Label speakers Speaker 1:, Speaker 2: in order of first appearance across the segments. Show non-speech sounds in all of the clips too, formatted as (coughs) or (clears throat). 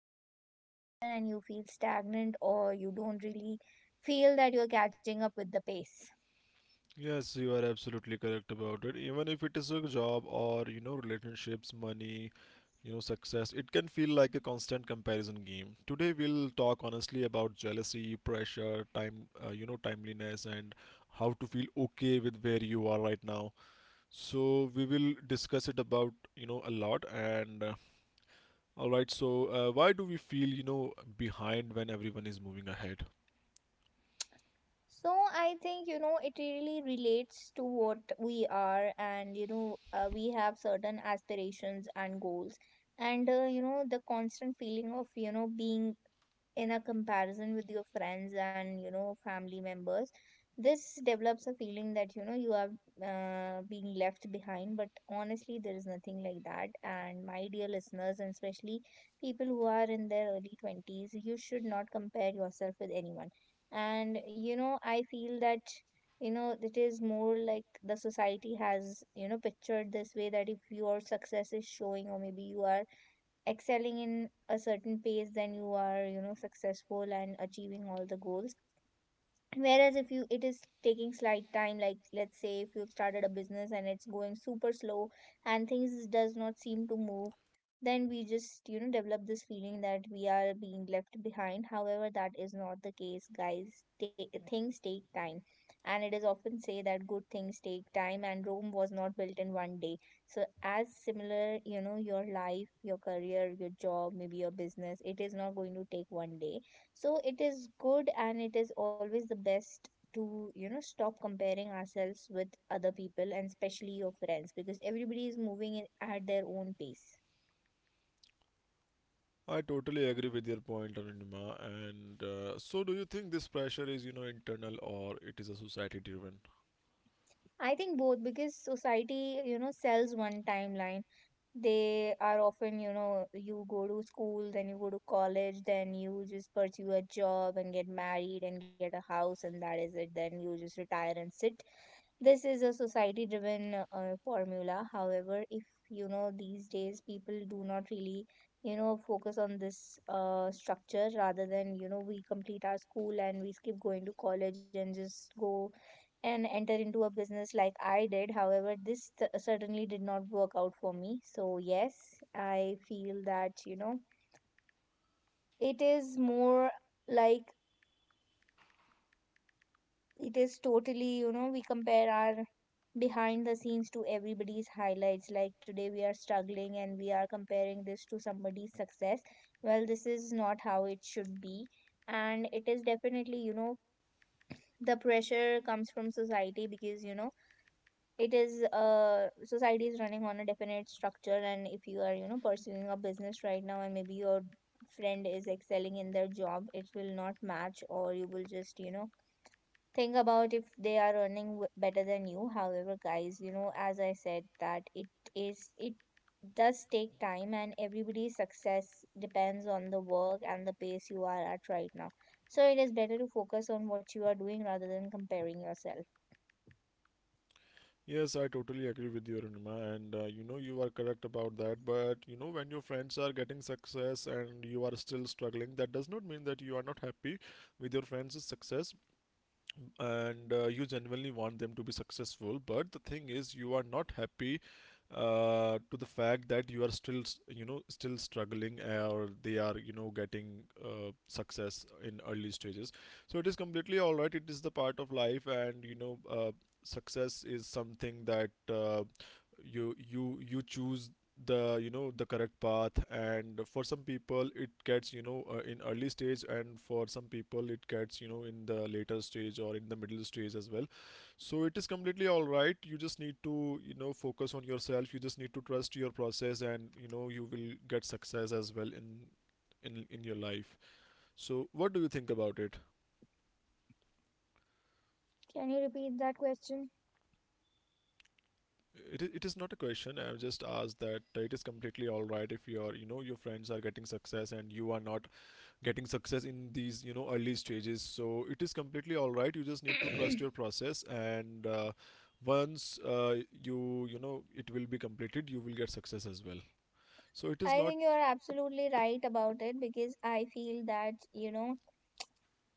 Speaker 1: moving faster and you feel stagnant, or you don't really feel that you're catching up with the pace.
Speaker 2: Yes, you are absolutely correct about it. Even if it is a job or, relationships, money, success, it can feel like a constant comparison game. Today we'll talk honestly about jealousy, pressure, time, timeliness, and how to feel okay with where you are right now. So we will discuss it about, a lot. And all right, so why do we feel, behind when everyone is moving ahead?
Speaker 1: So I think, you know, it really relates to what we are, and we have certain aspirations and goals, and you know, the constant feeling of, you know, being in a comparison with your friends and, you know, family members, this develops a feeling that, you know, you are being left behind. But honestly, there is nothing like that. And my dear listeners, and especially people who are in their early 20s, you should not compare yourself with anyone. And you know, I feel that, you know, it is more like the society has, you know, pictured this way, that if your success is showing or maybe you are excelling in a certain pace, then you are, you know, successful and achieving all the goals, whereas if you, it is taking slight time, like let's say if you've started a business and it's going super slow and things does not seem to move, then we just, you know, develop this feeling that we are being left behind. However, that is not the case, guys. Things take time, and it is often say that good things take time and rome was not built in one day. So as similar, you know, your life, your career, your job, maybe your business, it is not going to take one day. So it is good, and it is always the best to, you know, stop comparing ourselves with other people, and especially your friends, because everybody is moving in at their own pace.
Speaker 2: I totally agree with your point, Anima. And so, do you think this pressure is, internal, or it is a society-driven?
Speaker 1: I think both, because society, you know, sells one timeline. They are often, you know, you go to school, then you go to college, then you just pursue a job and get married and get a house, and that is it, then you just retire and sit. This is a society driven formula. However, if you know these days people do not really, you know, focus on this structure, rather than, you know, we complete our school and we skip going to college and just go and enter into a business like I did. However, certainly did not work out for me. So yes, I feel that, you know, it is more like, it is totally, you know, we compare our behind the scenes to everybody's highlights, like today we are struggling and we are comparing this to somebody's success. Well, this is not how it should be. And it is definitely, you know, the pressure comes from society, because you know, it is, society is running on a definite structure, and if you are, you know, pursuing a business right now and maybe your friend is excelling in their job, it will not match, or you will just, you know, think about if they are earning better than you. However guys, you know, as I said, that it does take time, and everybody's success depends on the work and the pace you are at right now. So it is better to focus on what you are doing rather than comparing yourself.
Speaker 2: Yes, I totally agree with you, Anima. And you are correct about that. But, when your friends are getting success and you are still struggling, that does not mean that you are not happy with your friends' success. Them, and you genuinely want them to be successful, but the thing is you are not happy to the fact that you are still still struggling, or they are getting success in early stages. So it is completely all right. It is the part of life. And success is something that you choose the you know the correct path. And for some people it gets, in early stage, and for some people it gets, in the later stage, or in the middle stage as well. So it is completely all right. You just need to focus on yourself. You just need to trust your process, and you will get success as well in your life. So, what do you think about it?
Speaker 1: Can you repeat that question?
Speaker 2: It is not a question. I've just asked that it is completely all right if your, your friends are getting success and you are not getting success in these, early stages. So it is completely all right. You just need to trust your
Speaker 1: (coughs)
Speaker 2: process, and once, it will be completed, you will get success as well. So it
Speaker 1: (clears throat)
Speaker 2: is
Speaker 1: I
Speaker 2: not.
Speaker 1: think you are absolutely right about it, because I feel that, you know,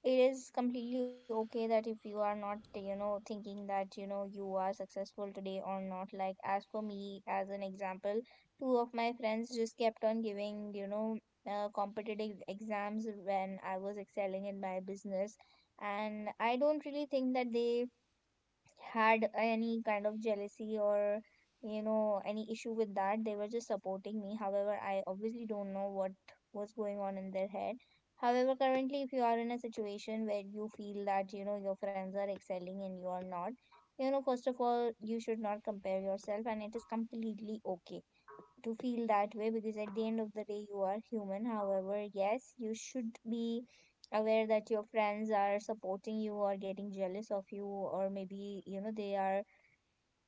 Speaker 1: it is completely okay, that if you are not, you know, thinking that you know you are successful today or not. Like as for me, as an example, two of my friends just kept on giving, you know, competitive exams when I was excelling in my business, and I don't really think that they had any kind of jealousy or, you know, any issue with that. They were just supporting me. However, I obviously don't know what was going on in their head. However, currently, if you are in a situation where you feel that, you know, your friends are excelling and you are not, you know, first of all, you should not compare yourself, and it is completely okay to feel that way, because at the end of the day, you are human. However, yes, you should be aware that your friends are supporting you or getting jealous of you, or maybe, you know, they are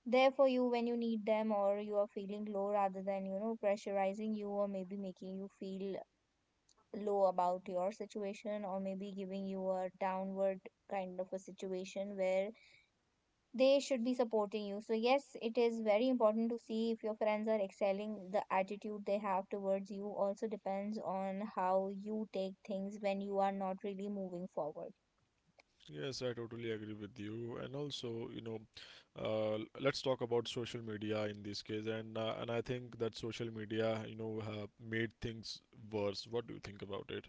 Speaker 1: there for you when you need them, or you are feeling low, rather than, you know, pressurizing you or maybe making you feel low about your situation, or maybe giving you a downward kind of a situation where they should be supporting you. So yes, it is very important to see if your friends are excelling. The attitude they have towards you also depends on how you take things when you are not really moving forward.
Speaker 2: Yes, I totally agree with you. And also, let's talk about social media in this case. And and I think that social media, have made things worse. What do you think about it?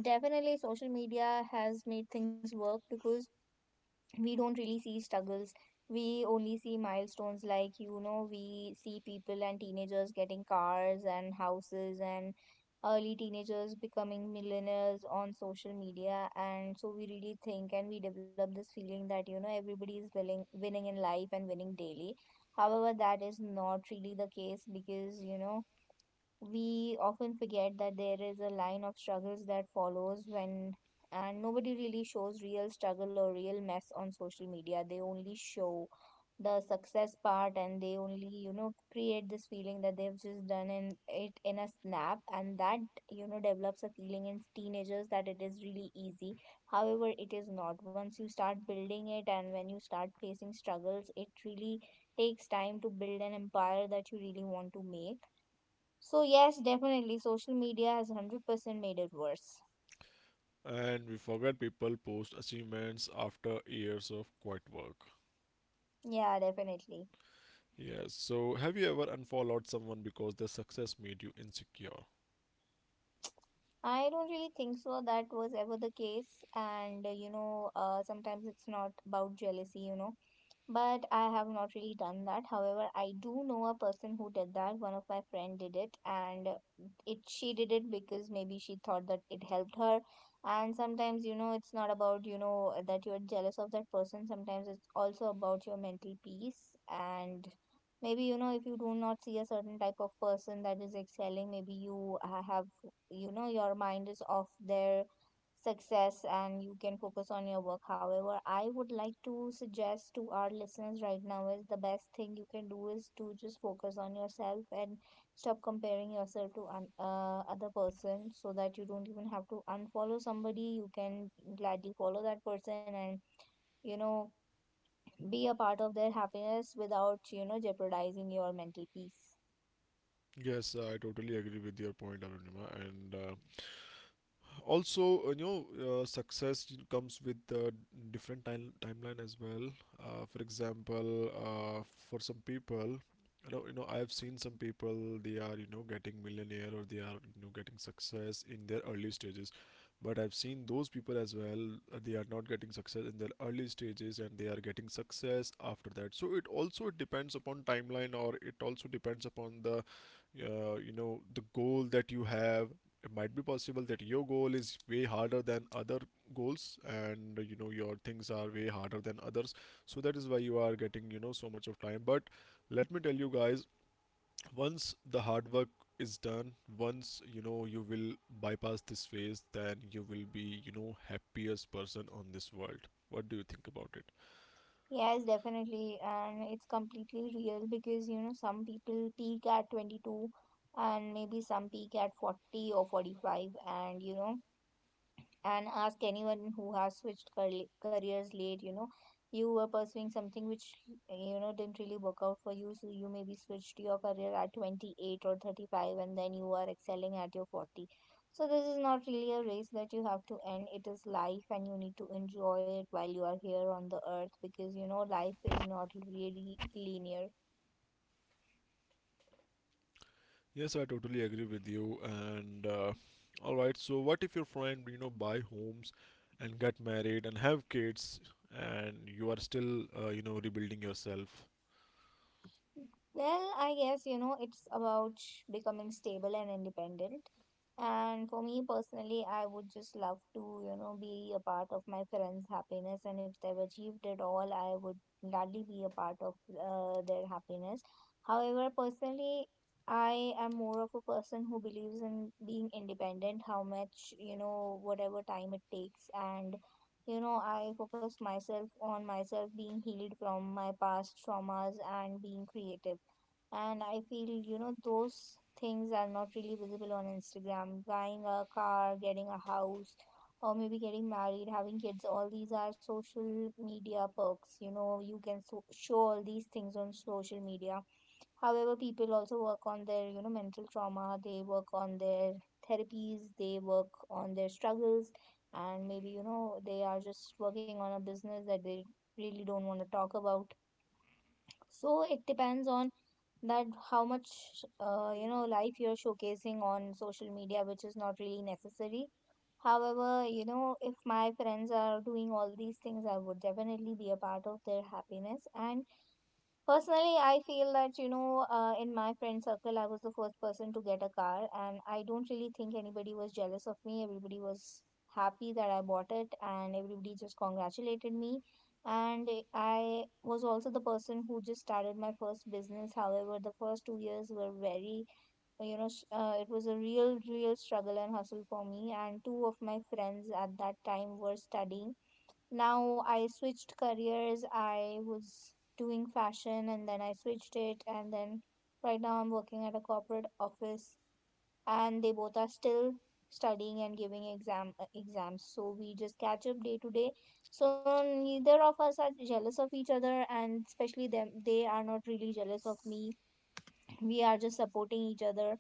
Speaker 1: Definitely, social media has made things work, because we don't really see struggles, we only see milestones. Like you know, we see people and teenagers getting cars and houses, and early teenagers becoming millionaires on social media, and so we really think and we develop this feeling that, you know, everybody is willing winning in life and winning daily. However, that is not really the case, because you know, we often forget that there is a line of struggles that follows when, and nobody really shows real struggle or real mess on social media. They only show the success part, and they only, you know, create this feeling that they've just done in it in a snap, and that, you know, develops a feeling in teenagers that it is really easy. However, it is not. Once you start building it and when you start facing struggles, it really takes time to build an empire that you really want to make. So yes, definitely social media has 100% made it worse.
Speaker 2: And we forget, people post achievements after years of quiet work.
Speaker 1: Yeah, definitely.
Speaker 2: Yes. So, have you ever unfollowed someone because their success made you insecure?
Speaker 1: I don't really think so that was ever the case. And sometimes it's not about jealousy, you know. But I have not really done that. However, I do know a person who did that. One of my friend did it, and it she did it because maybe she thought that it helped her. And sometimes, you know, it's not about, you know, that you're jealous of that person. Sometimes it's also about your mental peace. And maybe you know, if you do not see a certain type of person that is excelling, maybe you have, you know, your mind is off their success, and you can focus on your work. However, I would like to suggest to our listeners right now is the best thing you can do is to just focus on yourself and stop comparing yourself to other person, so that you don't even have to unfollow somebody. You can gladly follow that person and, you know, be a part of their happiness without, you know, jeopardizing your mental peace.
Speaker 2: Yes, I totally agree with your point, Arunima. And also, success comes with different timeline as well. For example, for some people, I've seen some people. They are getting millionaire, or they are getting success in their early stages. But I've seen those people as well. They are not getting success in their early stages, and they are getting success after that. So it also depends upon timeline, or it also depends upon the, the goal that you have. It might be possible that your goal is way harder than other goals, and your things are way harder than others. So that is why you are getting, so much of time. But let me tell you guys, once the hard work is done, once you will bypass this phase, then you will be, happiest person on this world. What do you think about it?
Speaker 1: Yes, definitely. And it's completely real because, you know, some people peak at 22 and maybe some peak at 40 or 45. And, you know, and ask anyone who has switched careers late. You know, you were pursuing something which, you know, didn't really work out for you, so you maybe switched your career at 28 or 35 and then you are excelling at your 40. So this is not really a race that you have to end. It is life, and you need to enjoy it while you are here on the earth, because you know, life is not really linear.
Speaker 2: Yes, I totally agree with you. And all right, so what if your friend, buy homes and get married and have kids, and you are still, rebuilding yourself?
Speaker 1: Well, I guess, you know, it's about becoming stable and independent. And for me personally, I would just love to, you know, be a part of my friends' happiness. And if they've achieved it all, I would gladly be a part of their happiness. However, personally, I am more of a person who believes in being independent, how much, you know, whatever time it takes, and you know, I focus myself on myself being healed from my past traumas and being creative. And I feel, you know, those things are not really visible on Instagram. Buying a car, getting a house, or maybe getting married, having kids, all these are social media perks. You know, you can show all these things on social media. However, people also work on their, you know, mental trauma, they work on their therapies, they work on their struggles, and maybe, you know, they are just working on a business that they really don't want to talk about. So it depends on that how much, you know, life you're showcasing on social media, which is not really necessary. However, you know, if my friends are doing all these things, I would definitely be a part of their happiness and personally, I feel that, in my friend circle, I was the first person to get a car, and I don't really think anybody was jealous of me. Everybody was happy that I bought it, and everybody just congratulated me. And I was also the person who just started my first business. However, the first 2 years were very, it was a real struggle and hustle for me. And two of my friends at that time were studying now I switched careers. I was doing fashion and then I switched it. And then right now I'm working at a corporate office and they both are still studying and giving exams. So we just catch up day to day. So neither of us are jealous of each other, and especially them, they are not really jealous of me. We are just supporting each other.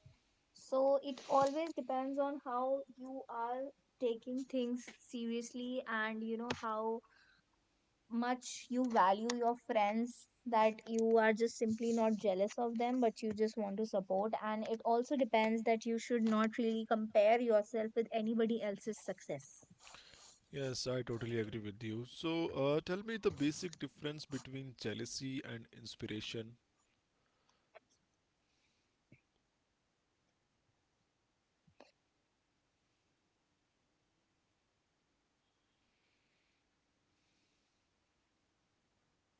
Speaker 1: So it always depends on how you are taking things seriously, and you know how much you value your friends, that you are just simply not jealous of them but you just want to support. And it also depends that you should not really compare yourself with anybody else's success.
Speaker 2: Yes, I totally agree with you. So, tell me the basic difference between jealousy and inspiration.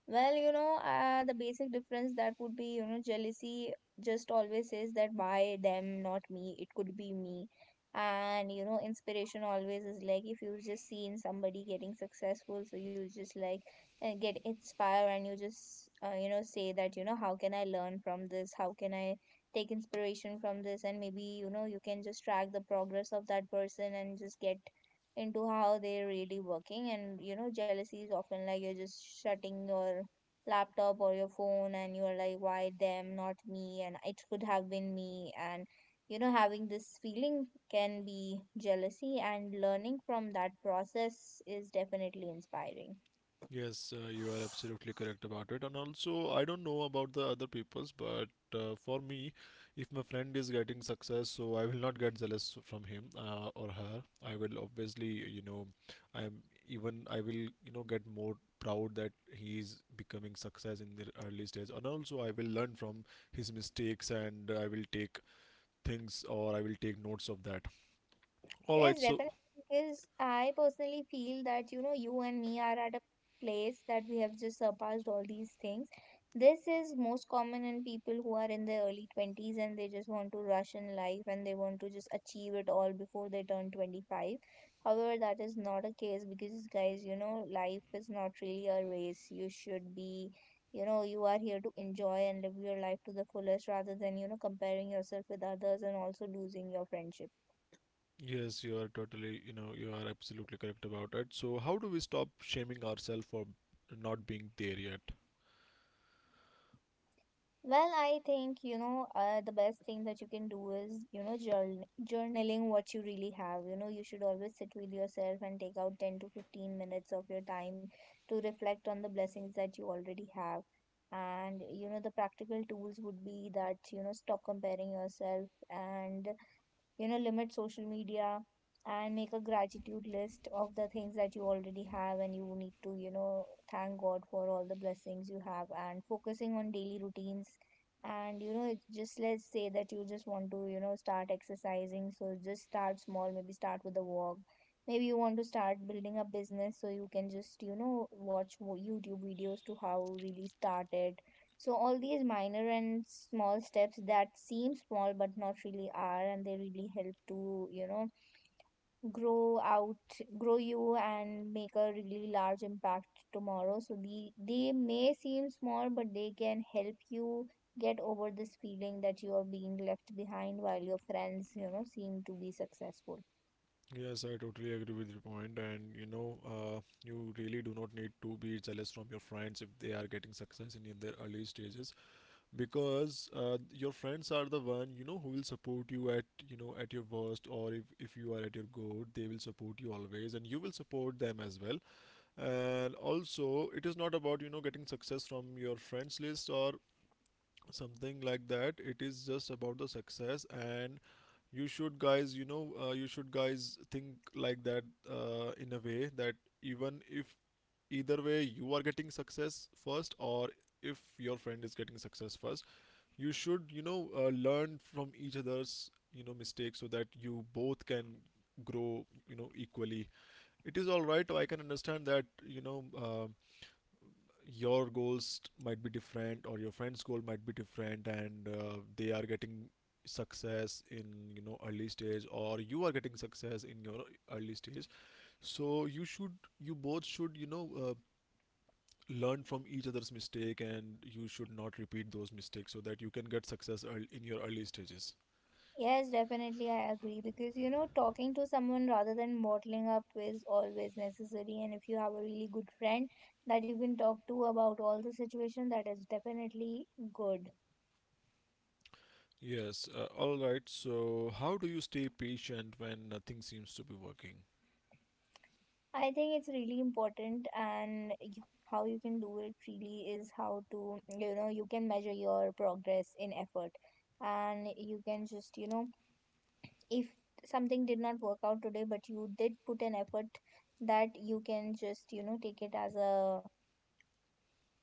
Speaker 1: The basic difference that would be, you know, jealousy just always says that why them, not me, it could be me. And, you know, inspiration always is like if you've just seen somebody getting successful, so you just like get inspired and you just, you know, say that, you know, how can I learn from this? How can I take inspiration from this? And maybe, you know, you can just track the progress of that person and just get into how they're really working. And you know, jealousy is often like you're just shutting your laptop or your phone and you're like why them not me and it could have been me. And you know, having this feeling can be jealousy, and learning from that process is definitely inspiring.
Speaker 2: Yes, you are absolutely correct about it. And also, I don't know about the other people's, but for me, if my friend is getting success, so I will not get jealous from him, or her. I will obviously, I'm even I will, get more proud that he is becoming success in the early stage. And also, I will learn from his mistakes, and I will take things, or I will take notes of that. All
Speaker 1: Yes,
Speaker 2: right, so.
Speaker 1: definitely. Because I personally feel that, you know, you and me are at a place that we have just surpassed all these things. This is most common in people who are in their early 20s, and they just want to rush in life and they want to just achieve it all before they turn 25. However, that is not a case because, guys, you know, life is not really a race. You should be, you know, you are here to enjoy and live your life to the fullest rather than, you know, comparing yourself with others and also losing your friendship.
Speaker 2: Yes, you are totally, you are absolutely correct about it. So, how do we stop shaming ourselves for not being there yet?
Speaker 1: I think, the best thing that you can do is, you know, journaling what you really have. You know, you should always sit with yourself and take out 10 to 15 minutes of your time to reflect on the blessings that you already have. And, you know, the practical tools would be that, you know, stop comparing yourself, and you know, limit social media, and make a gratitude list of the things that you already have. And you need to, you know, thank god for all the blessings you have, and focusing on daily routines. And you know, it's just, let's say that you just want to, you know, start exercising, so just start small, maybe start with a walk. Maybe you want to start building a business, so you can just, you know, watch youtube videos to how really started. So all these minor and small steps that seem small but not really are, and they really help to, you know, grow out, grow you and make a really large impact tomorrow. So they may seem small, but they can help you get over this feeling that you are being left behind while your friends, you know, seem to be successful.
Speaker 2: Yes, I totally agree with your point. And you really do not need to be jealous from your friends if they are getting success in their early stages, because your friends are the one who will support you at, at your worst, or if you are at your good, they will support you always, and you will support them as well. And also, it is not about getting success from your friends list, or something like that. It is just about the success. And you should, guys, you should, guys, think like that, in a way that, even if, either way you are getting success first, or if your friend is getting success first, you should learn from each other's, mistakes, so that you both can grow, equally. It is all right. I can understand that, your goals might be different, or your friend's goal might be different. And they are getting success in, early stage, or you are getting success in your early stage. So you should, you both should, learn from each other's mistake, and you should not repeat those mistakes, so that you can get success earl in your early stages.
Speaker 1: Yes, definitely, I agree, because you know, talking to someone rather than bottling up is always necessary. And if you have a really good friend that you can talk to about all the situation, that is definitely good.
Speaker 2: Yes, all right. So how do you stay patient when nothing seems to be working?
Speaker 1: I think it's really important, and how you can do it really is how to, you know, you can measure your progress in effort, and you can just, you know, if something did not work out today, but you did put an effort, that you can just, you know, take it as a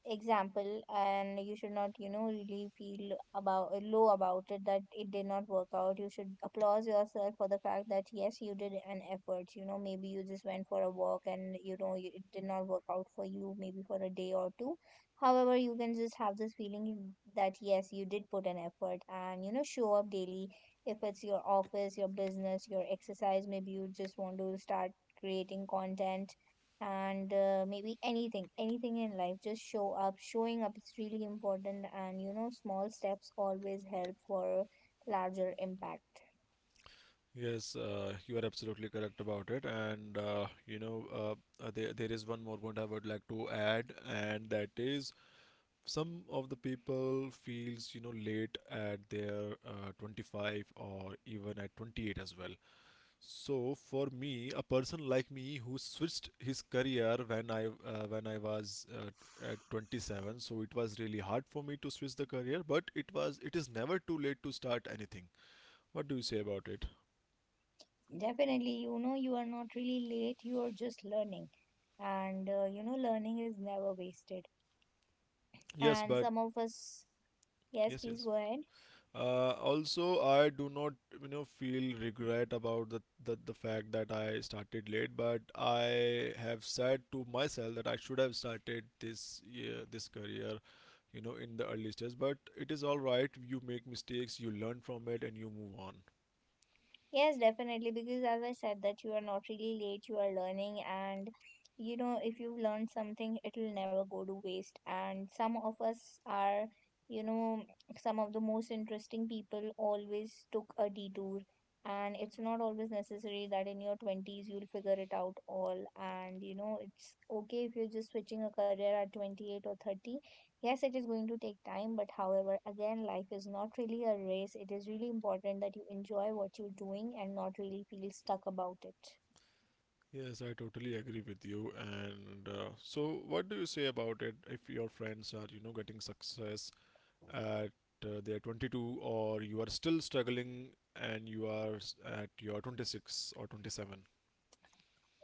Speaker 1: example. And you should not, you know, really feel about low about it that it did not work out. You should applaud yourself for the fact that yes, you did an effort. You know, maybe you just went for a walk, and you know, it did not work out for you maybe for a day or two. However, you can just have this feeling that yes, you did put an effort, and you know, show up daily, if it's your office, your business, your exercise. Maybe you just want to start creating content, and maybe anything, in life, just show up. Showing up is really important, and you know, small steps always help for larger impact.
Speaker 2: Yes, you are absolutely correct about it. And there is one more point I would like to add, and that is, some of the people feels, late at their, 25, or even at 28 as well. So for me, a person like me who switched his career, when I, when I was at 27, so it was really hard for me to switch the career. But it is never too late to start anything. What do you say about it?
Speaker 1: Definitely, you know, you are not really late, you are just learning. And you know, learning is never wasted.
Speaker 2: Yes,
Speaker 1: And
Speaker 2: but.
Speaker 1: some of us, yes
Speaker 2: Yes,
Speaker 1: please
Speaker 2: yes.
Speaker 1: go ahead.
Speaker 2: Also, I do not, feel regret about the fact that I started late, but I have said to myself that I should have started this career, in the early stage. But it is all right. You make mistakes, you learn from it, and you move on.
Speaker 1: Yes, definitely. Because as I said, that you are not really late, you are learning. And you know, if you've learned something, it'll never go to waste. And some of us are, you know, some of the most interesting people always took a detour. And it's not always necessary that in your 20s you'll figure it out all. And you know, it's okay if you're just switching a career at 28 or 30. Yes, it is going to take time, but however, again, life is not really a race. It is really important that you enjoy what you're doing and not really feel stuck about it.
Speaker 2: Yes, I totally agree with you. And so, what do you say about it? If your friends are, getting success at, their 22, or you are still struggling and you are at your 26 or 27.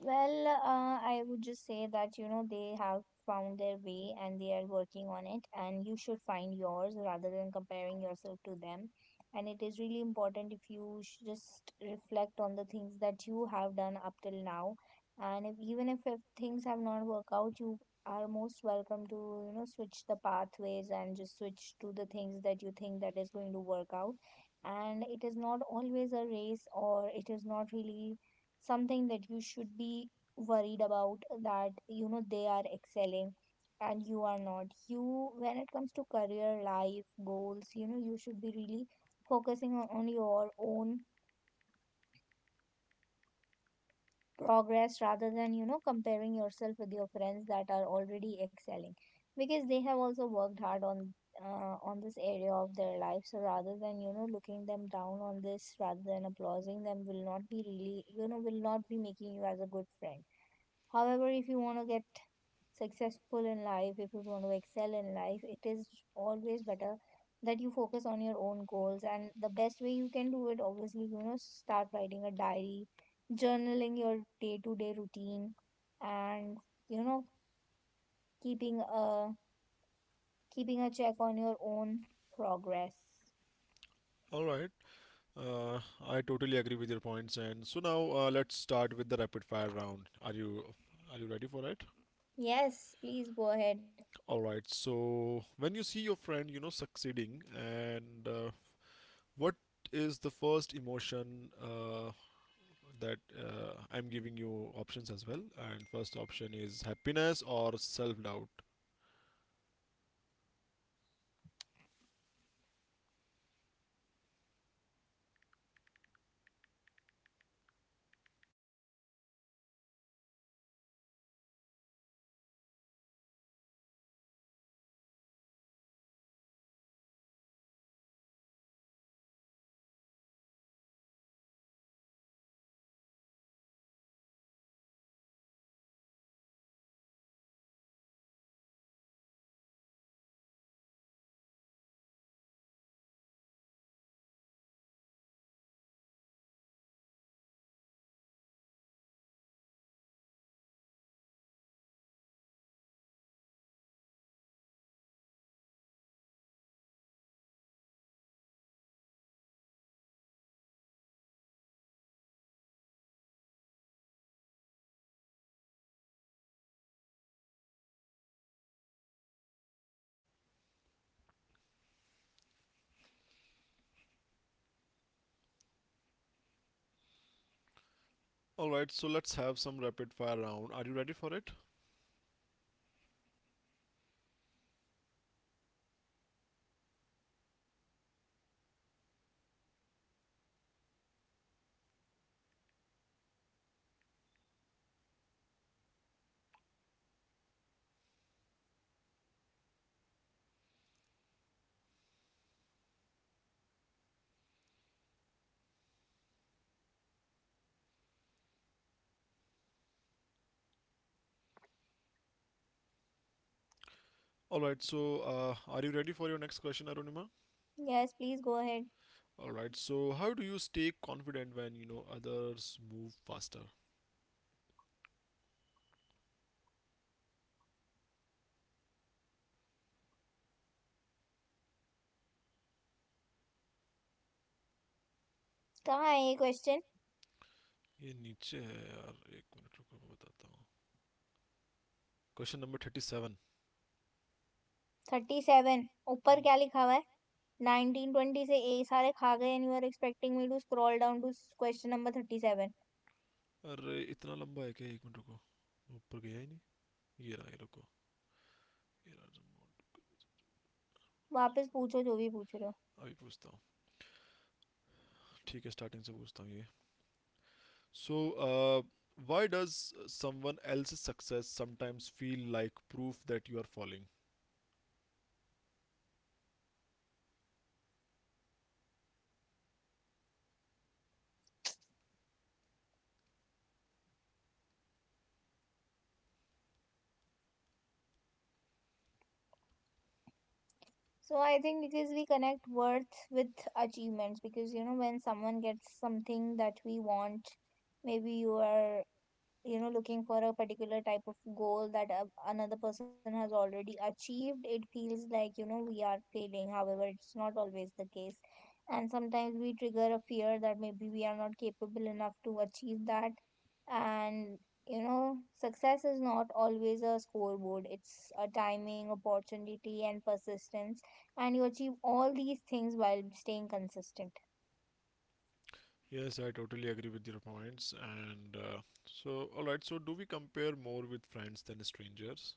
Speaker 1: I would just say that, you know, they have found their way and they are working on it, and you should find yours rather than comparing yourself to them. And it is really important if you just reflect on the things that you have done up till now. And if, even if things have not worked out, you are most welcome to, you know, switch the pathways and just switch to the things that you think that is going to work out. And it is not always a race, or it is not really something that you should be worried about, that you know, they are excelling and you are not. You when it comes to career life goals, you know, you should be really focusing on your own progress, rather than you know, comparing yourself with your friends that are already excelling, because they have also worked hard on this area of their life. So rather than you know, looking them down on this, rather than applauding them, will not be really, you know, will not be making you as a good friend. However, if you want to get successful in life, if you want to excel in life, it is always better that you focus on your own goals. And the best way you can do it, obviously, you know, start writing a diary, journaling your day to day routine, and you know, keeping a keeping a check on your own progress.
Speaker 2: All right, uh, I totally agree with your points. And so now, let's start with the rapid fire round. Are you ready for it?
Speaker 1: Yes, please go ahead.
Speaker 2: All right, so when you see your friend, succeeding, and what is the first emotion, that, I'm giving you options as well, and first option is happiness or self doubt. All right, so let's have some rapid fire round. Are you ready for it? All right, so are you ready for your next question, Arunima?
Speaker 1: Yes, please go ahead.
Speaker 2: All right, so how do you stay confident when you know others move faster?
Speaker 1: कहाँ है ये question
Speaker 2: ये नीचे है यार, एक minute रुको, मैं बताता हूँ। Question number 30.
Speaker 1: Thirty seven? ऊपर क्या लिखा हुआ है? 1920 से ए सारे खा गए and you are expecting me to scroll down to question number 37.
Speaker 2: अरे, इतना लंबा है क्या? एक मिनट रुको। ऊपर गया ही नहीं। ये रहा, ये रुको। ये रहा remote।
Speaker 1: वापस पूछो जो भी पूछ रहे हो.
Speaker 2: अभी पूछता हूँ। ठीक है, स्टार्टिंग से पूछता हूँ, ये। सो why does someone else's success sometimes feel like proof that you are falling?
Speaker 1: So I think because we connect worth with achievements, because you know, when someone gets something that we want, maybe you are, you know, looking for a particular type of goal that another person has already achieved, it feels like, you know, we are failing. However, it's not always the case. And sometimes we trigger a fear that maybe we are not capable enough to achieve that. And you know, success is not always a scoreboard, it's a timing, opportunity and persistence. And you achieve all these things while staying consistent.
Speaker 2: Yes, I totally agree with your points. And so, alright, so do we compare more with friends than strangers?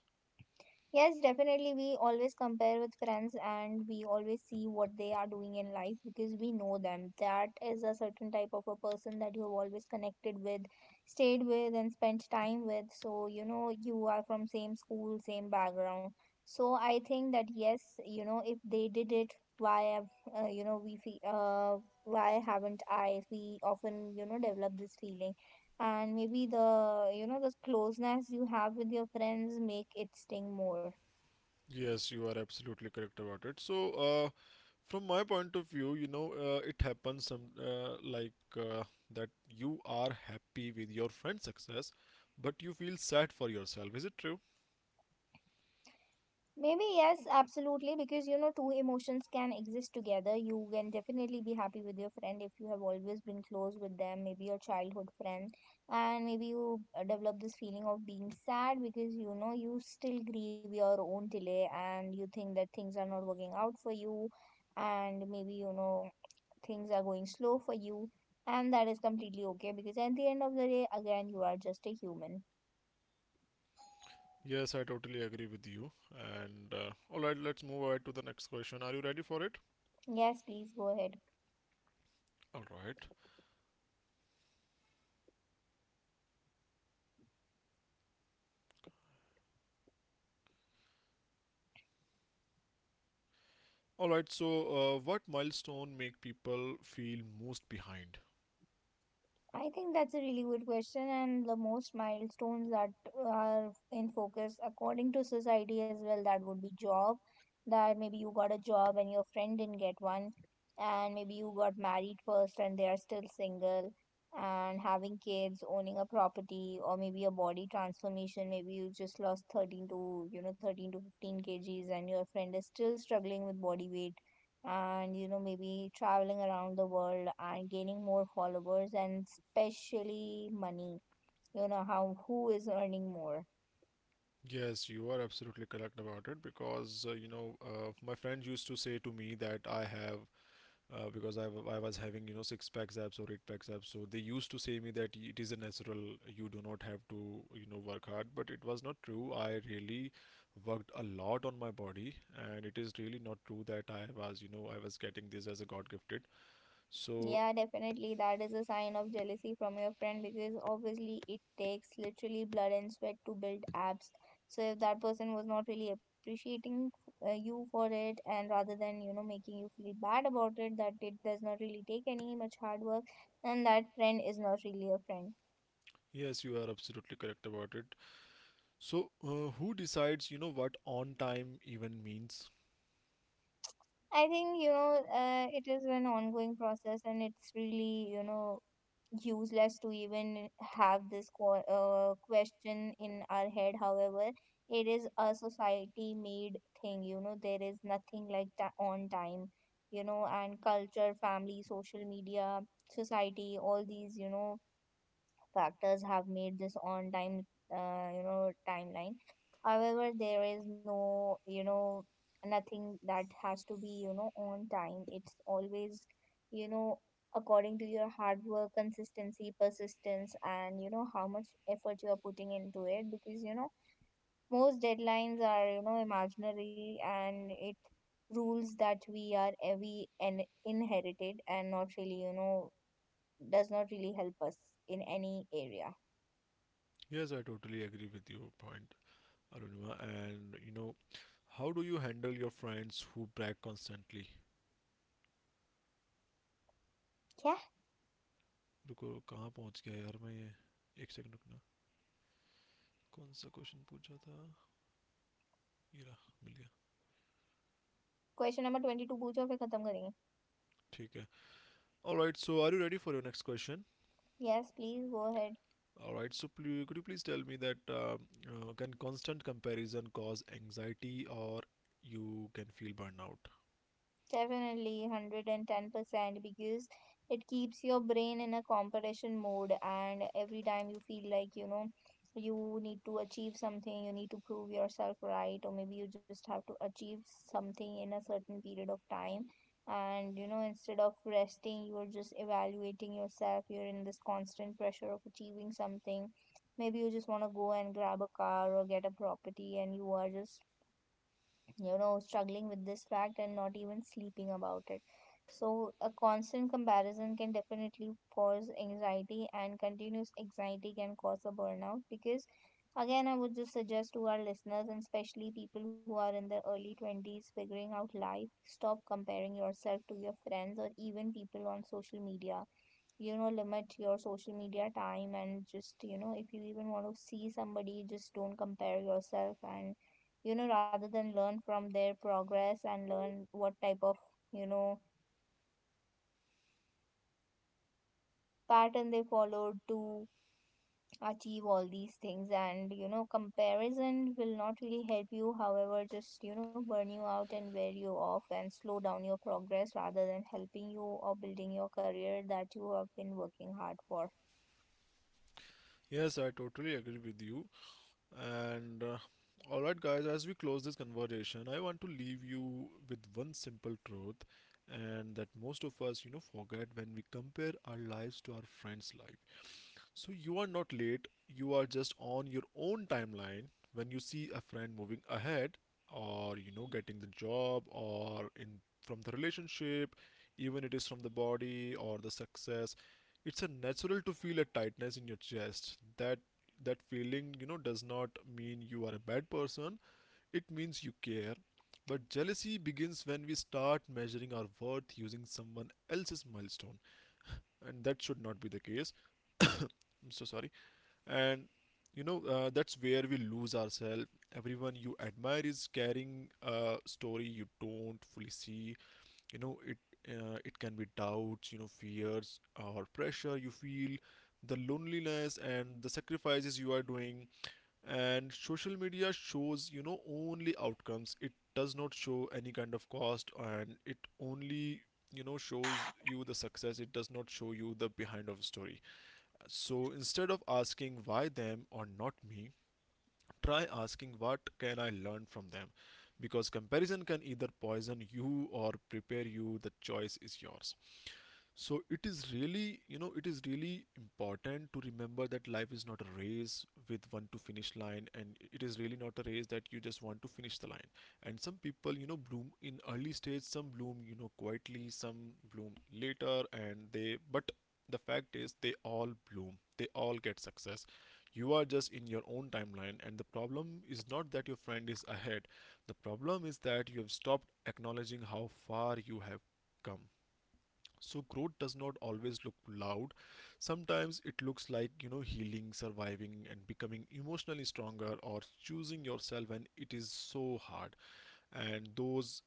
Speaker 1: Yes, definitely. We always compare with friends and we always see what they are doing in life because we know them. That is a certain type of a person that you have always connected with, stayed with, and spent time with. So, you know, you are from same school, same background. So, I think that yes, you know, if they did it, why have, you know, we feel, why haven't I? We often, develop this feeling, and maybe the closeness you have with your friends make it sting more.
Speaker 2: Yes, you are absolutely correct about it. So, from my point of view, it happens some, that you are happy with your friend's success, but you feel sad for yourself. Is it true?
Speaker 1: Maybe, yes, absolutely, because two emotions can exist together. You can definitely be happy with your friend if you have always been close with them, maybe your childhood friend, and maybe you develop this feeling of being sad because you still grieve your own delay, and you think that things are not working out for you, and maybe things are going slow for you, and that is completely okay because at the end of the day, again, you are just a human.
Speaker 2: Yes, I totally agree with you. And alright, let's move ahead to the next question. Are you ready for it?
Speaker 1: Yes, please go ahead.
Speaker 2: Alright. All right, so what milestone make people feel most behind?
Speaker 1: I think that's a really good question, and the most milestones that are in focus according to society as well. That would be job, that maybe you got a job and your friend didn't get one, and maybe you got married first and they are still single, and having kids, owning a property, or maybe a body transformation. Maybe you just lost 13 to 15 kgs, and your friend is still struggling with body weight, and maybe traveling around the world and gaining more followers, and especially money, how who is earning more.
Speaker 2: Yes, you are absolutely correct about it because my friend used to say to me that I have because I was having six packs abs or eight packs abs, so they used to say me that it is a natural, you do not have to work hard, but it was not true. I really worked a lot on my body, and it is really not true that I was getting this as a god gifted. So
Speaker 1: Yeah, definitely that is a sign of jealousy from your friend, because obviously it takes literally blood and sweat to build apps. So if that person was not really appreciating you for it, and rather than making you feel bad about it that it does not really take any much hard work, then that friend is not really a friend.
Speaker 2: yes, you are absolutely correct about it. So, who decides, you know, what on time even means?
Speaker 1: I think, it is an ongoing process, and it's really, useless to even have this question in our head. However, it is a society made thing. There is nothing like that on time, and culture, family, social media, society, all these, factors have made this on time timeline. However, there is no, nothing that has to be, on time. It's always, you know according to your hard work, consistency, persistence, and how much effort you are putting into it, because most deadlines are, imaginary, and it rules that we are, we and inherited, and not really, does not really help us in any area.
Speaker 2: Yes, I totally agree with your point, Arunima. And, you know, how do you handle your friends who brag constantly?
Speaker 1: क्या
Speaker 2: रुको कहाँ पहुंच गया यार मैं ये एक second रुकना कौन सा क्वेश्चन पूछा था ये रहा मिल गया
Speaker 1: क्वेश्चन नंबर ट्वेंटी टू पूछो फिर खत्म करेंगे.
Speaker 2: ठीक है alright so are you ready for your next question
Speaker 1: yes please go ahead.
Speaker 2: Alright so could you please tell me that can constant comparison cause anxiety or you can feel burnout?
Speaker 1: Definitely 110%, because it keeps your brain in a competition mode, and every time you feel like, you need to achieve something, you need to prove yourself right, or maybe you just have to achieve something in a certain period of time. And you know, instead of resting, you're just evaluating yourself, you're in this constant pressure of achieving something. Maybe you just want to go and grab a car or get a property, and you are just, struggling with this fact and not even sleeping about it. So a constant comparison can definitely cause anxiety, and continuous anxiety can cause a burnout. Because, again, I would just suggest to our listeners, and especially people who are in their early 20s figuring out life, stop comparing yourself to your friends or even people on social media. Limit your social media time, and just, if you even want to see somebody, just don't compare yourself, and rather than learn from their progress and learn what type of, you know pattern they followed to achieve all these things. And comparison will not really help you, however just, burn you out and wear you off and slow down your progress, rather than helping you or building your career that you have been working hard for.
Speaker 2: Yes, I totally agree with you. And All right, guys, as we close this conversation, I want to leave you with one simple truth, and that most of us, you know, forget when we compare our lives to our friends' life. So you are not late, you are just on your own timeline. When you see a friend moving ahead, or you know, getting the job or in from the relationship, even it is from the body or the success, it's a natural to feel a tightness in your chest. That feeling, you know, does not mean you are a bad person. It means you care. But jealousy begins when we start measuring our worth using someone else's milestone, and that should not be the case. I'm so sorry, and you know, that's where we lose ourselves. Everyone you admire is carrying a story you don't fully see, you know it. It can be doubts, you know, fears or pressure you feel, the loneliness and the sacrifices you are doing. And social media shows, you know, only outcomes. It does not show any kind of cost, and it only, you know, shows you the success. It does not show you the behind of story. So instead of asking why them or not me, try asking what can I learn from them, because comparison can either poison you or prepare you. The choice is yours. So it is really, you know, it is really important to remember that life is not a race with one to finish line, and it is really not a race that you just want to finish the line. And some people, you know, bloom in early stage, some bloom, you know, quietly, some bloom later, and but the fact is they all bloom, they all get success. You are just in your own timeline, and the problem is not that your friend is ahead, the problem is that you have stopped acknowledging how far you have come. So growth does not always look loud. Sometimes it looks like, you know, healing, surviving, and becoming emotionally stronger, or choosing yourself when it is so hard. And those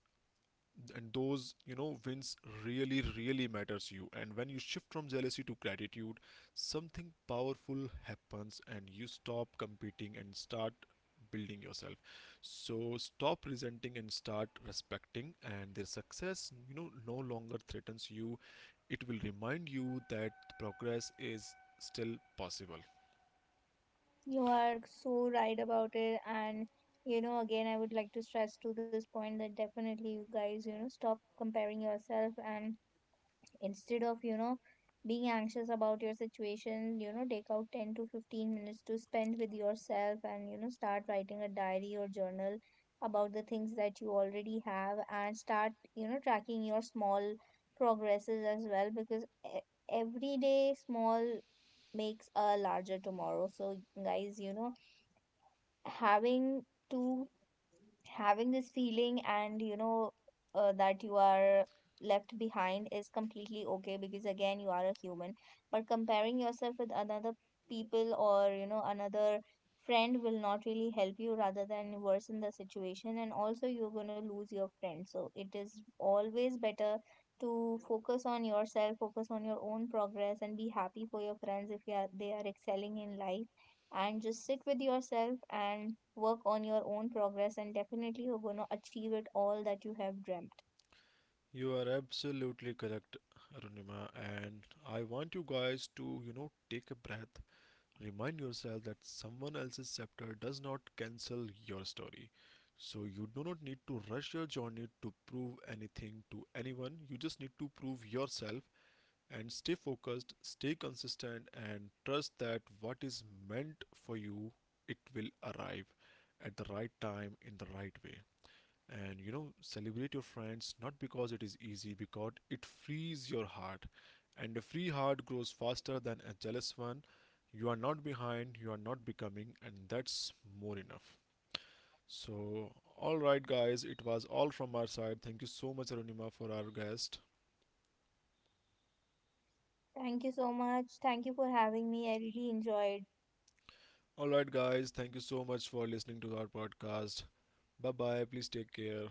Speaker 2: and those you know wins really really matters you. And when you shift from jealousy to gratitude, something powerful happens, and you stop competing and start building yourself. So stop resenting and start respecting, and their success, you know, no longer threatens you. It will remind you that progress is still possible.
Speaker 1: You are so right about it. And, again, I would like to stress to this point that definitely you guys, stop comparing yourself, and instead of, being anxious about your situation, take out 10 to 15 minutes to spend with yourself, and, start writing a diary or journal about the things that you already have, and start, tracking your small progresses as well, because every day small makes a larger tomorrow. So, guys, having to having this feeling, and that you are left behind, is completely okay, because again you are a human. But comparing yourself with another people, or another friend, will not really help you, rather than worsen the situation, and also you're going to lose your friend. So it is always better to focus on yourself, focus on your own progress, and be happy for your friends if they are excelling in life, and just sit with yourself and work on your own progress, and definitely you're going to achieve it all that you have dreamt.
Speaker 2: You are absolutely correct, Arunima, and I want you guys to, you know, take a breath. Remind yourself that someone else's chapter does not cancel your story. So you do not need to rush your journey to prove anything to anyone. You just need to prove yourself and stay focused, stay consistent, and trust that what is meant for you, it will arrive at the right time in the right way. And you know, celebrate your friends, not because it is easy, because it frees your heart, and a free heart grows faster than a jealous one. You are not behind, you are not becoming, and that's more enough. So all right guys, it was all from our side. Thank you so much, Arunima, for our guest.
Speaker 1: Thank you so much. Thank you for having me. I really enjoyed
Speaker 2: All right guys, thank you so much for listening to our podcast. Bye bye, please take care.